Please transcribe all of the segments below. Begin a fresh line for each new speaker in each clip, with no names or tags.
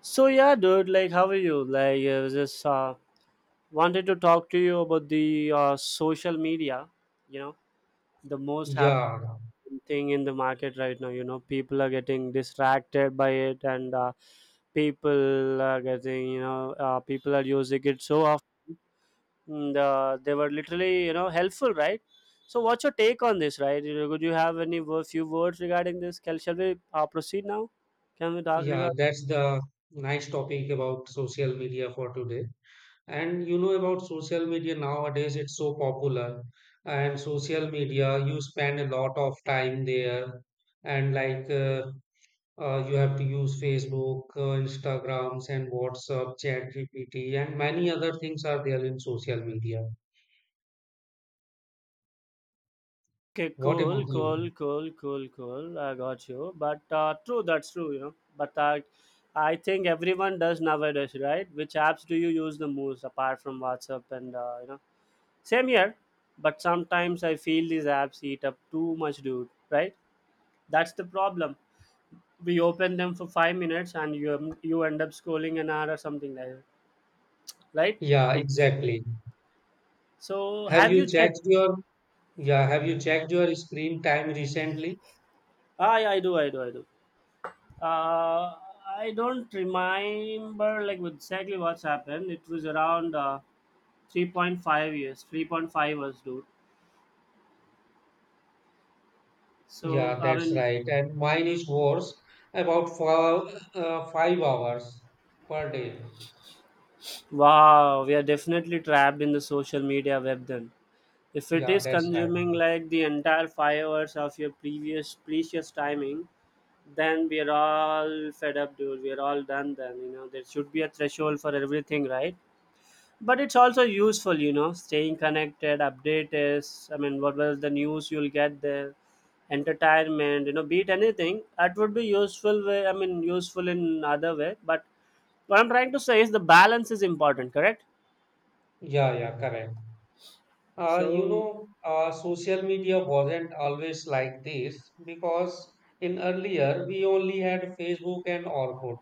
So yeah, dude. Like, how are you? Like, I was just wanted to talk to you about the social media. You know, the most happening
Yeah,
thing in the market right now. You know, people are getting distracted by it, and people are getting, people are using it so often. And, they were literally, you know, helpful, right? So, what's your take on this, right? You know, could you have any few words regarding this? Can Shall we proceed now? Can we talk
yeah,
regarding?
that's the nice topic about social media for today. And you know about social media nowadays, it's so popular. And social media, you spend a lot of time there. And like you have to use Facebook, Instagrams, and WhatsApp, ChatGPT, and many other things are there in social media.
Okay,
What
cool,
about you?
cool, cool, cool, cool. I got you. But true, that's true, you know. But I think everyone does nowadays, right? Which apps do you use the most apart from WhatsApp and, you know, same here. But sometimes I feel these apps eat up too much, dude, right? That's the problem. We open them for 5 minutes and you, you end up scrolling an hour or something like that, right?
Yeah,
Ex-
exactly.
So
Have
have
you
you checked?
checked your yeah, have you checked your screen time recently?
I do. Uh, I don't remember like exactly what's happened. It was around 3.5 years, 3.5 years, dude. So,
Yeah,
I
that's
mean,
right. And mine is worse, about 5 hours per day.
wow, we are definitely trapped in the social media web then. If it
Yeah,
is
that's right.
consuming like the entire 5 hours of your previous precious timing, then we are all fed up, dude. We are all done then. You know, there should be a threshold for everything, right? But it's also useful, you know, staying connected, update is, I mean, what was the news you'll get there, entertainment, you know, beat anything that would be useful way, I mean, useful in other way. But what I'm trying to say is the balance is important, correct?
Yeah, correct. Uh, you
So
know, uh, social media wasn't always like this because in earlier we only had Facebook and Orkut.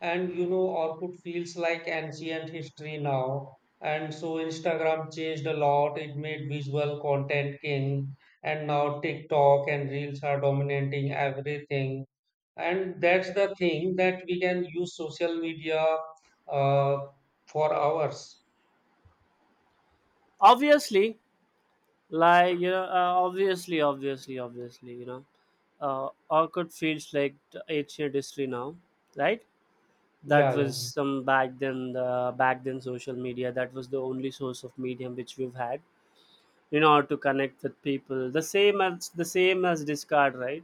And you know, Orkut feels like ancient history now. And so Instagram changed a lot. It made visual content king. And now TikTok and Reels are dominating everything, and that's the thing that we can use social media uh, for hours.
obviously, obviously, obviously, you know, orchid feels like the ancient history now, right? That
Yeah, yeah,
was some back then, the back then social media, that was the only source of medium which we've had in order to connect with people. The same as, the same as Discord, right?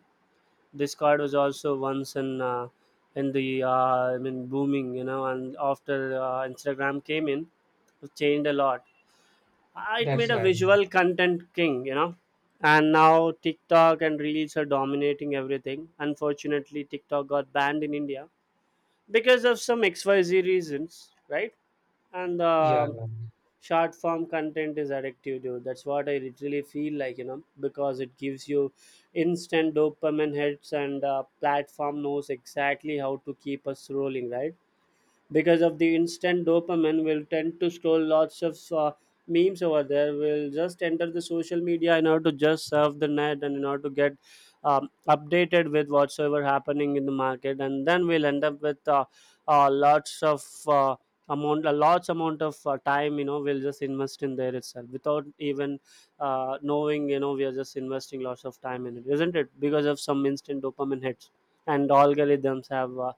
Discord was also once in the I mean, booming, you know. And after Instagram came in, it changed a lot. It
that's
made a
right.
visual content king, you know. And now TikTok and reels are dominating everything. Unfortunately, TikTok got banned in India because of some XYZ reasons, right? And
Yeah, yeah,
short form content is addictive, dude. That's what I literally feel like, you know, because it gives you instant dopamine hits, and platform knows exactly how to keep us rolling, right? Because of the instant dopamine, we'll tend to scroll lots of memes over there. We'll just enter the social media in order to just surf the net, and in order to get updated with whatsoever happening in the market. And then we'll end up with lots of amount a large amount of time, you know. We'll just invest in there itself, without even knowing, you know, we are just investing lots of time in it, isn't it? Because of some instant dopamine hits, and algorithms have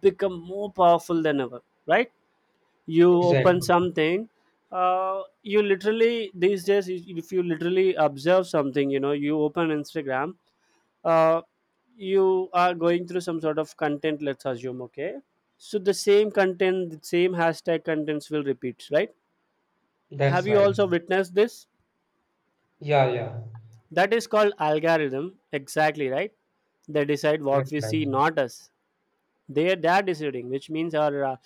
become more powerful than ever, right? You open
exactly.
something, you literally, these days, if you literally observe something, you know, you open Instagram, uh, you are going through some sort of content, let's assume, okay. So the same content, the same hashtag contents will repeat, right?
That's
Have you
right.
also witnessed this?
Yeah, yeah,
That is called algorithm. Exactly, right? They decide what
that's
we
right.
see, not us. They dad is reading, which means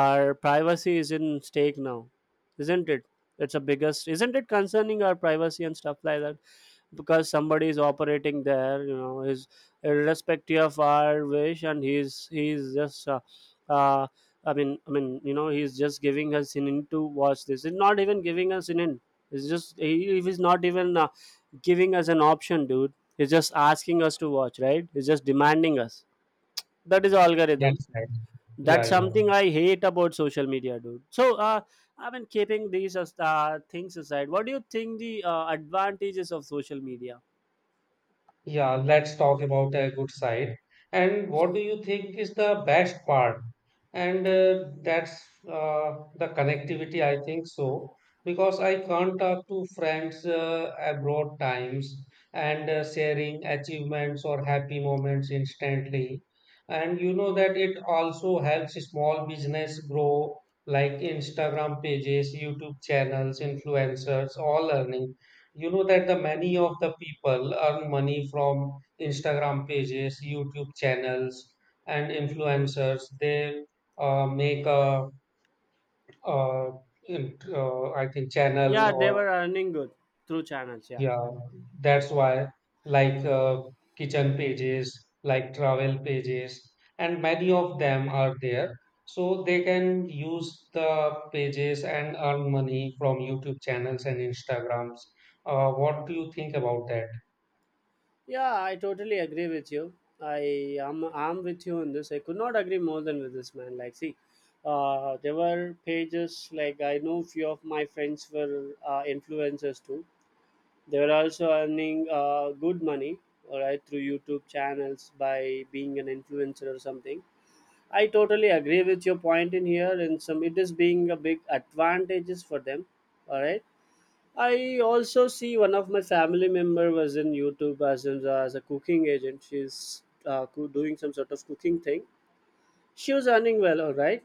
our privacy is in stake now, isn't it? It's a biggest, isn't it, concerning our privacy and stuff like that, because somebody is operating there, you know, is irrespective of our wish, and he's just uh I mean, you know, he's just giving us an in to watch this. He's not even giving us an in. It's just he's not even giving us an option, dude. He's just asking us to watch, right? He's just demanding us. That is algorithm.
That's right.
That's
Yeah, yeah.
something I hate about social media, dude. So, I mean, keeping these things aside, what do you think the advantages of social media?
Yeah, let's talk about a good side. And what do you think is the best part? And that's The connectivity, I think so, because I can't talk to friends abroad times, and sharing achievements or happy moments instantly. And you know that it also helps small business grow, like Instagram pages, YouTube channels, influencers, all earning. You know that the many of the people earn money from Instagram pages, YouTube channels, and influencers. They make a, uh in- I think channel
Yeah, they
or
were earning good through channels. Yeah,
yeah, that's why, like kitchen pages, like travel pages, and many of them are there, so they can use the pages and earn money from YouTube channels and Instagrams. Uh, what do you think about that?
yeah, I totally agree with you. I am I'm with you on this. I could not agree more than with this, man. Like, see, there were pages, like, I know few of my friends were influencers too. They were also earning good money, all right, through YouTube channels, by being an influencer or something. I totally agree with your point in here, and some it is being a big advantages for them, all right. I also see one of my family member was in YouTube as in, as a cooking agent. She's doing some sort of cooking thing. She was earning well, all right.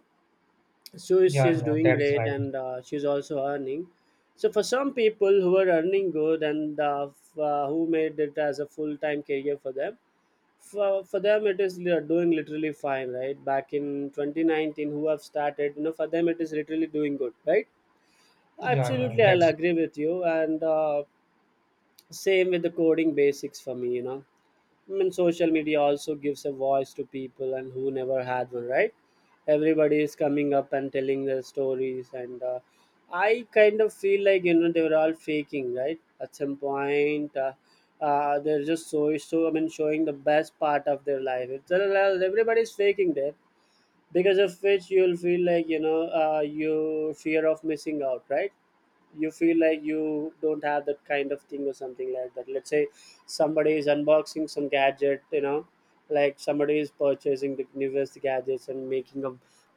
So
Yeah,
she's
yeah,
doing
that's
great,
right.
and she's also earning. So for some people who are earning good, and who made it as a full-time career for them, for them it is doing literally fine, right? Back in 2019, who have started, you know, for them it is literally doing good, right?
Yeah, yeah,
Absolutely, I'll
that's...
agree with you. And same with the coding basics for me, you know. I mean, social media also gives a voice to people and who never had one, right? Everybody is coming up and telling their stories, and I kind of feel like, you know, they were all faking, right? At some point, they're just so, I mean, showing the best part of their life. It's everybody's faking there, because of which you'll feel like, you know, you fear of missing out, right? You feel like you don't have that kind of thing or something like that. Let's say somebody is unboxing some gadget, you know. Like somebody is purchasing the newest gadgets and making a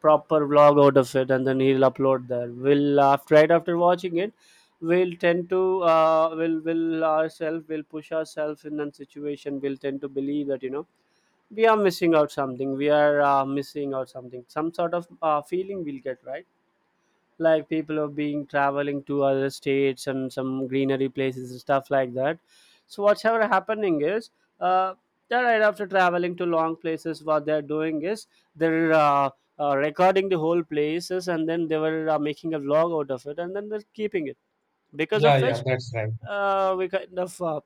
proper vlog out of it, and then he'll upload there. We'll, after right after watching it, we'll tend to will ourselves, will push ourselves in that situation. We'll tend to believe that, you know, we are missing out something. We are missing out something, some sort of feeling we'll get, right? Like people are being traveling to other states and some greenery places and stuff like that. So whatever happening is, uh, that right after traveling to long places, what they're doing is they're recording the whole places, and then they were making a vlog out of it, and then they're keeping it. Because
yeah,
of
yeah,
which
that's right.
we kind of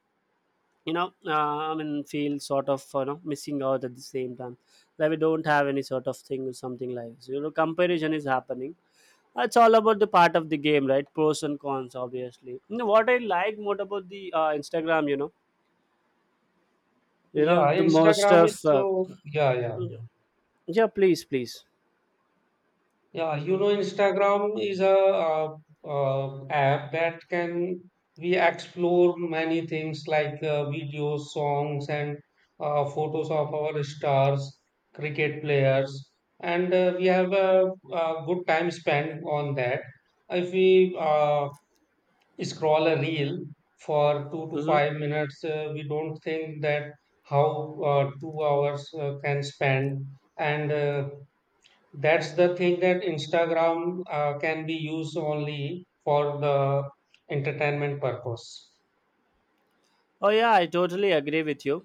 you know, I mean, feel sort of, you know, missing out at the same time. Like we don't have any sort of thing or something, like so, you know, comparison is happening. It's all about the part of the game, right? Pros and cons. Obviously, you know, what I like more about the Instagram, you know, you know
Yeah,
the most
Instagram is
of
so yeah, yeah,
yeah, please, please.
yeah. You know, Instagram is a app that can we explore many things like videos, songs, and photos of our stars, cricket players, and we have a good time spent on that. If we scroll a reel for two to
Hmm.
five minutes, we don't think that how 2 hours can spend. And that's the thing that Instagram can be used only for the entertainment purpose.
Oh yeah, I totally agree with you.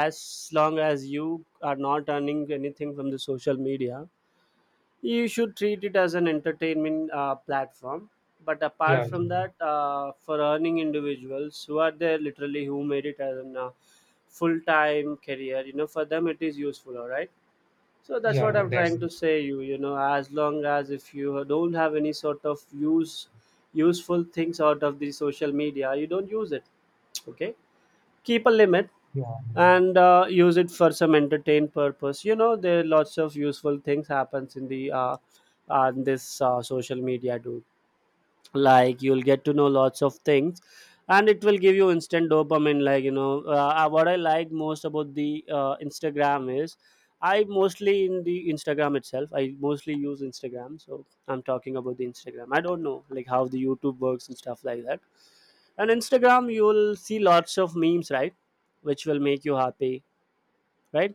As long as you are not earning anything from the social media, you should treat it as an entertainment platform. But
Yeah,
apart
yeah,
from that, for earning individuals who are there literally, who made it as a full-time career, you know, for them it is useful, all right. So that's what
yeah,
I'm
that's
trying to say. You know, as long as if you don't have any sort of useful things out of the social media, you don't use it, okay. Keep a limit.
yeah,
And use it for some entertain purpose, you know. There are lots of useful things happens in the on this social media, dude. Like you'll get to know lots of things, and it will give you instant dopamine, like, you know, what I like most about the Instagram is, I mostly in the Instagram itself, I mostly use Instagram, so I'm talking about the Instagram. I don't know like how the YouTube works and stuff like that. And Instagram, you will see lots of memes, right? Which will make you happy, right?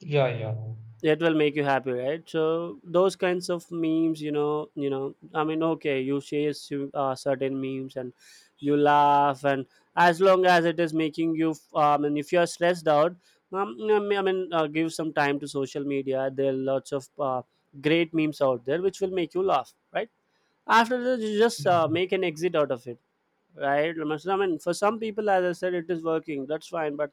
yeah, yeah.
So those kinds of memes, you know, I mean, okay, you share certain memes, and you laugh. And as long as it is making you, and if you are stressed out, I mean, give some time to social media. There are lots of great memes out there which will make you laugh, right? After that, you just
Yeah.
make an exit out of it, right? I mean, for some people, as I said, it is working, that's fine, but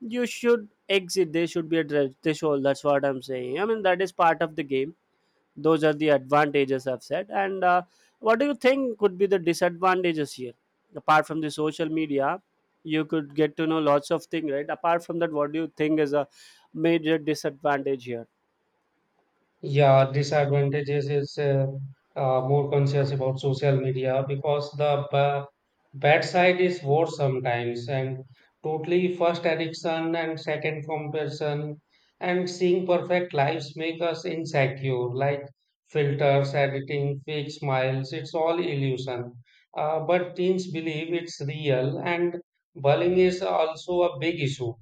you should exit. There should be a threshold. That's what I'm saying. I mean that is part of the game. Those are the advantages I've said, and what do you think could be the disadvantages here, apart from the social media? You could get to know lots of things, right? Apart from that, what do you think is a major disadvantage here?
Yeah, disadvantages is more conscious about social media because the ba bad side is worse sometimes, and totally first addiction and second comparison, and seeing perfect lives make us insecure, like filters, editing, fake smiles, it's all illusion. But teens believe it's real, and bullying is also a big issue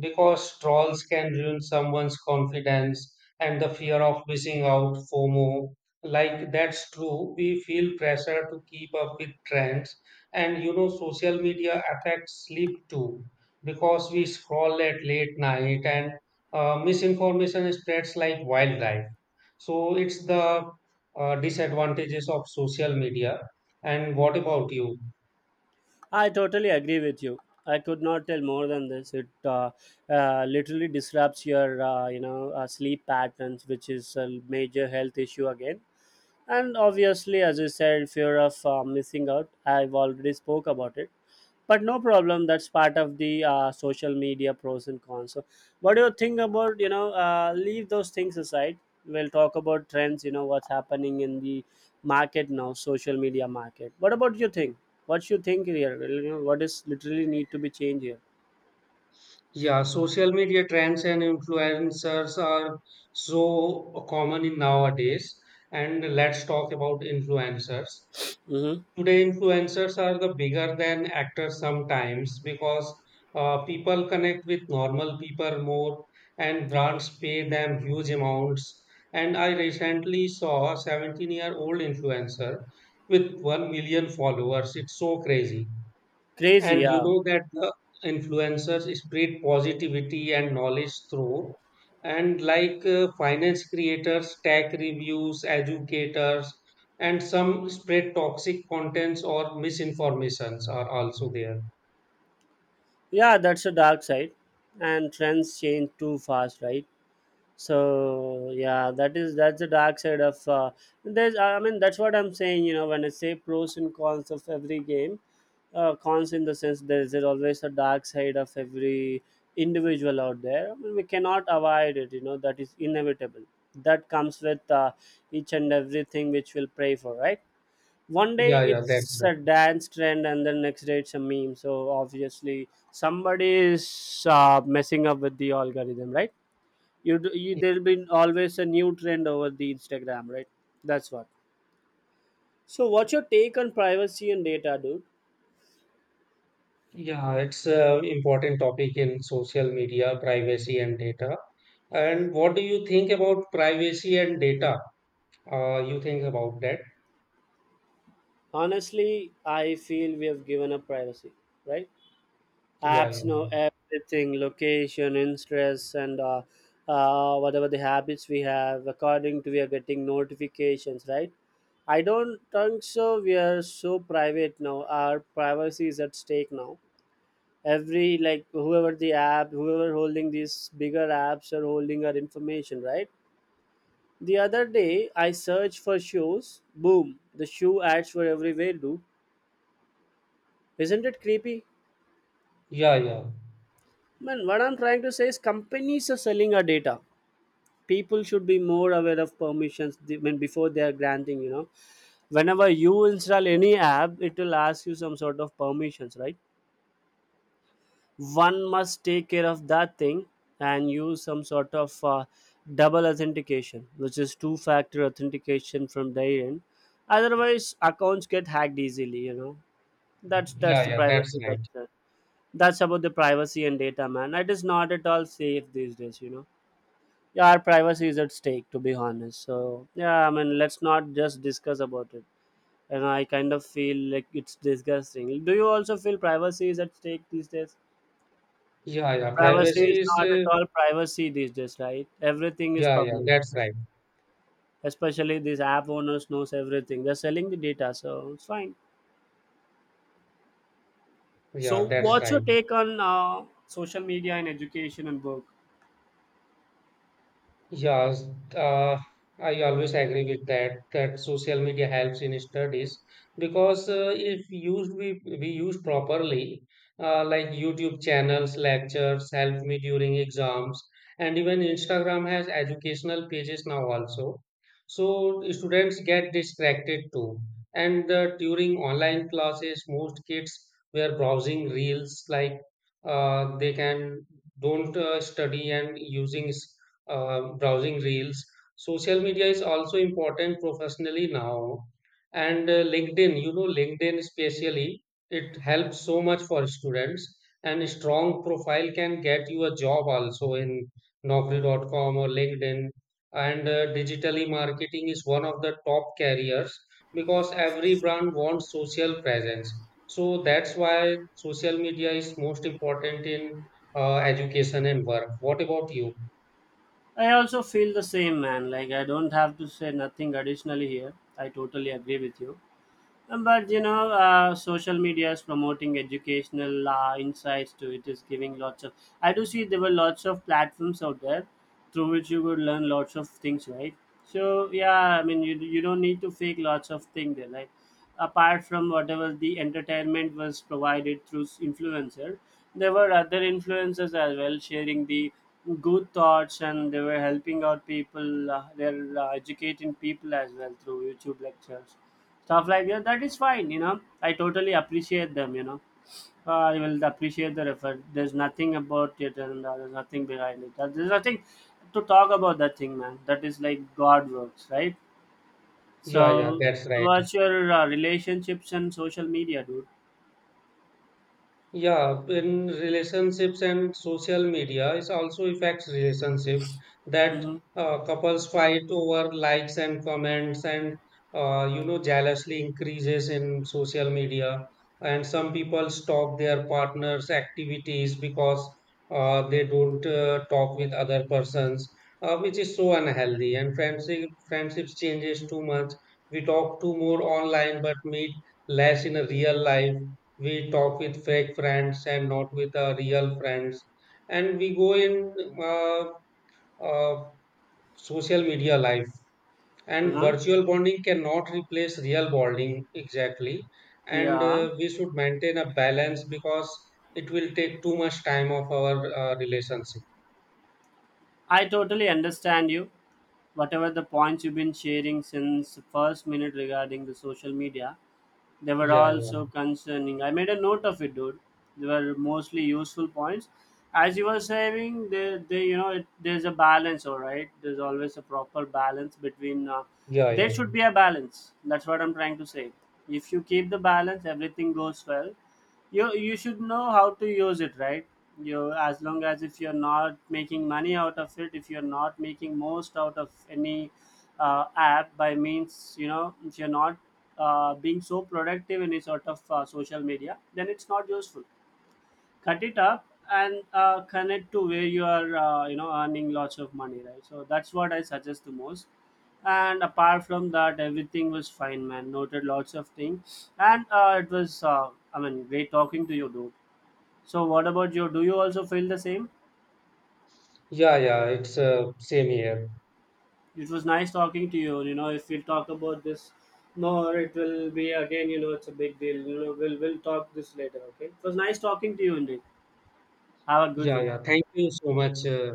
because trolls can ruin someone's confidence, and the fear of missing out, FOMO. Like that's true. We feel pressure to keep up with trends, and you know, social media affects sleep too because we scroll at late night, and misinformation spreads like wildlife. So it's the disadvantages of social media. And what about you?
I totally agree with you. I could not tell more than this. It literally disrupts your sleep patterns, which is a major health issue again. And obviously, as you said, fear of missing out. I've already spoke about it, but no problem. That's part of the social media pros and cons. So, what do you think about, you know? Leave those things aside. We'll talk about trends. You know what's happening in the market now, social media market. What about you think? What you think here? Well, you know, what is literally need to be changed here?
Yeah, social media trends and influencers are so common in nowadays. And let's talk about influencers.
Mm-hmm.
Today, influencers are the bigger than actors sometimes because people connect with normal people more, and brands pay them huge amounts. And I recently saw a 17-year-old influencer with 1 million followers. It's so crazy.
Crazy,
And you
yeah,
know that the influencers spread positivity and knowledge through, and like finance creators, tech reviews, educators, and some spread toxic contents or misinformations are also there.
yeah. That's a dark side, and trends change too fast, right? So yeah, that is, that's the dark side of, there's, I mean, that's what I'm saying, you know, when I say pros and cons of every game. Cons in the sense there is always a dark side of every individual out there. I mean, we cannot avoid it, you know, that is inevitable. That comes with each and everything which we'll pray for, right? One day
Yeah, yeah, that's
it's
right.
a dance trend and the next day it's a meme, so obviously somebody is messing up with the algorithm, right? You
Y-
there'll be always a new trend over the Instagram, right? That's what. So what's your take on privacy and data, dude?
Yeah, it's an important topic in social media, privacy and data. And what do you think about privacy and data? You think about that?
Honestly, I feel we have given up privacy, right?
Yeah, yeah,
Apps know everything, location, interests, and whatever the habits we have, according to we are getting notifications, right? I don't think so we are so private now. Our privacy is at stake now. Every like whoever the app, whoever holding these bigger apps are holding our information, right? The other day I searched for shoes, boom, the shoe ads were everywhere, dude. Isn't it creepy,
yeah, yeah,
man? What I'm trying to say is companies are selling our data. People should be more aware of permissions, when before they are granting, you know, whenever you install any app it will ask you some sort of permissions, right? One must take care of that thing and use some sort of double authentication, which is two factor authentication from their end. Otherwise accounts get hacked easily, you know. that's
yeah,
that's the
yeah, that's
privacy
right.
concern. That's about the privacy and data, man. It is not at all safe these days, you know. Yeah, our privacy is at stake, to be honest. So yeah, I mean, let's not just discuss about it. And I kind of feel like it's disgusting. Do you also feel privacy is at stake these days?
Yeah, yeah.
Privacy is not at all privacy these days, right? Everything is
Yeah, yeah.
public.
That's right.
Especially these app owners knows everything. They're selling the data, so it's fine.
Yeah,
So,
that's
what's your
right.
take on social media and education and book?
Yes, uh, I always agree with that, that social media helps in studies because if we use properly, like YouTube channels, lectures help me during exams, and even Instagram has educational pages now also. So students get distracted too. And during online classes, most kids were browsing reels, like they can don't study and using s- browsing reels. Social media is also important professionally now, and LinkedIn especially, it helps so much for students. And a strong profile can get you a job also in naukri.com or LinkedIn. And digitally marketing is one of the top carriers because every brand wants social presence. So that's why social media is most important in education and work. What about you?
I also feel the same, man. Like I don't have to say nothing additionally here. I totally agree with you. But you know, social media is promoting educational insights to it is giving lots of. I do see there were lots of platforms out there through which you would learn lots of things, right? So yeah, I mean, you don't need to fake lots of things there, right? Apart from whatever the entertainment was provided through influencer, there were other influencers as well sharing the good thoughts and they were helping out people. They're educating people as well through YouTube lectures, stuff like that, that is fine, you know. I totally appreciate them, you know. I will appreciate the effort, there's nothing about it, and there's nothing behind it. There's nothing to talk about that thing, man. That is like god works, right?
Yeah, yeah,
So
that's right.
what's your relationships and social media, dude?
Yeah, in relationships and social media, it also affects relationship that
Mm-hmm.
couples fight over likes and comments, and you know jealousy increases in social media, and some people stalk their partners' activities because they don't talk with other persons, which is so unhealthy. And friendships changes too much. We talk too more online, but meet less in a real life. We talk with fake friends and not with real friends, and we go in uh, uh, social media life, and
Mm-hmm.
virtual bonding cannot replace real bonding exactly. and
Yeah,
uh, we should maintain a balance because it will take too much time of our relationship.
I totally understand you. Whatever the points you've been sharing since the first minute regarding the social media, they were
Yeah,
all
yeah.
so concerning. I made a note of it, dude. They were mostly useful points. As you were saying, they you know, it, there's a balance, all right. There's always a proper balance between.
Yeah,
There
yeah.
should be a balance. That's what I'm trying to say. If you keep the balance, everything goes well. You should know how to use it, right? You, as long as if you're not making money out of it, if you're not making most out of any app by means, you know, if you're not being so productive in any sort of social media, then it's not useful. Cut it up and connect to where you are, you know, earning lots of money, right? So that's what I suggest the most. And apart from that everything was fine, man. Noted lots of things, and it was, I mean, great talking to you, dude. So what about you, do you also feel the same?
Yeah, yeah, it's same here.
It was nice talking to you, you know. If we talk about this more it will be again, you know, it's a big deal, you know. We'll talk this later, okay? It was nice talking to you indeed. Have a good
Yeah,
one.
yeah, thank you so much, uh,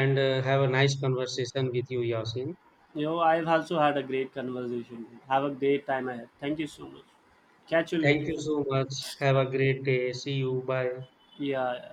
and uh, have a nice conversation with you, Yasin.
You know, I've also had a great conversation. Have a great time ahead. Thank you so much. Catch you
Thank
later.
you so much. Have a great day. See you. Bye.
Yeah. Yeah.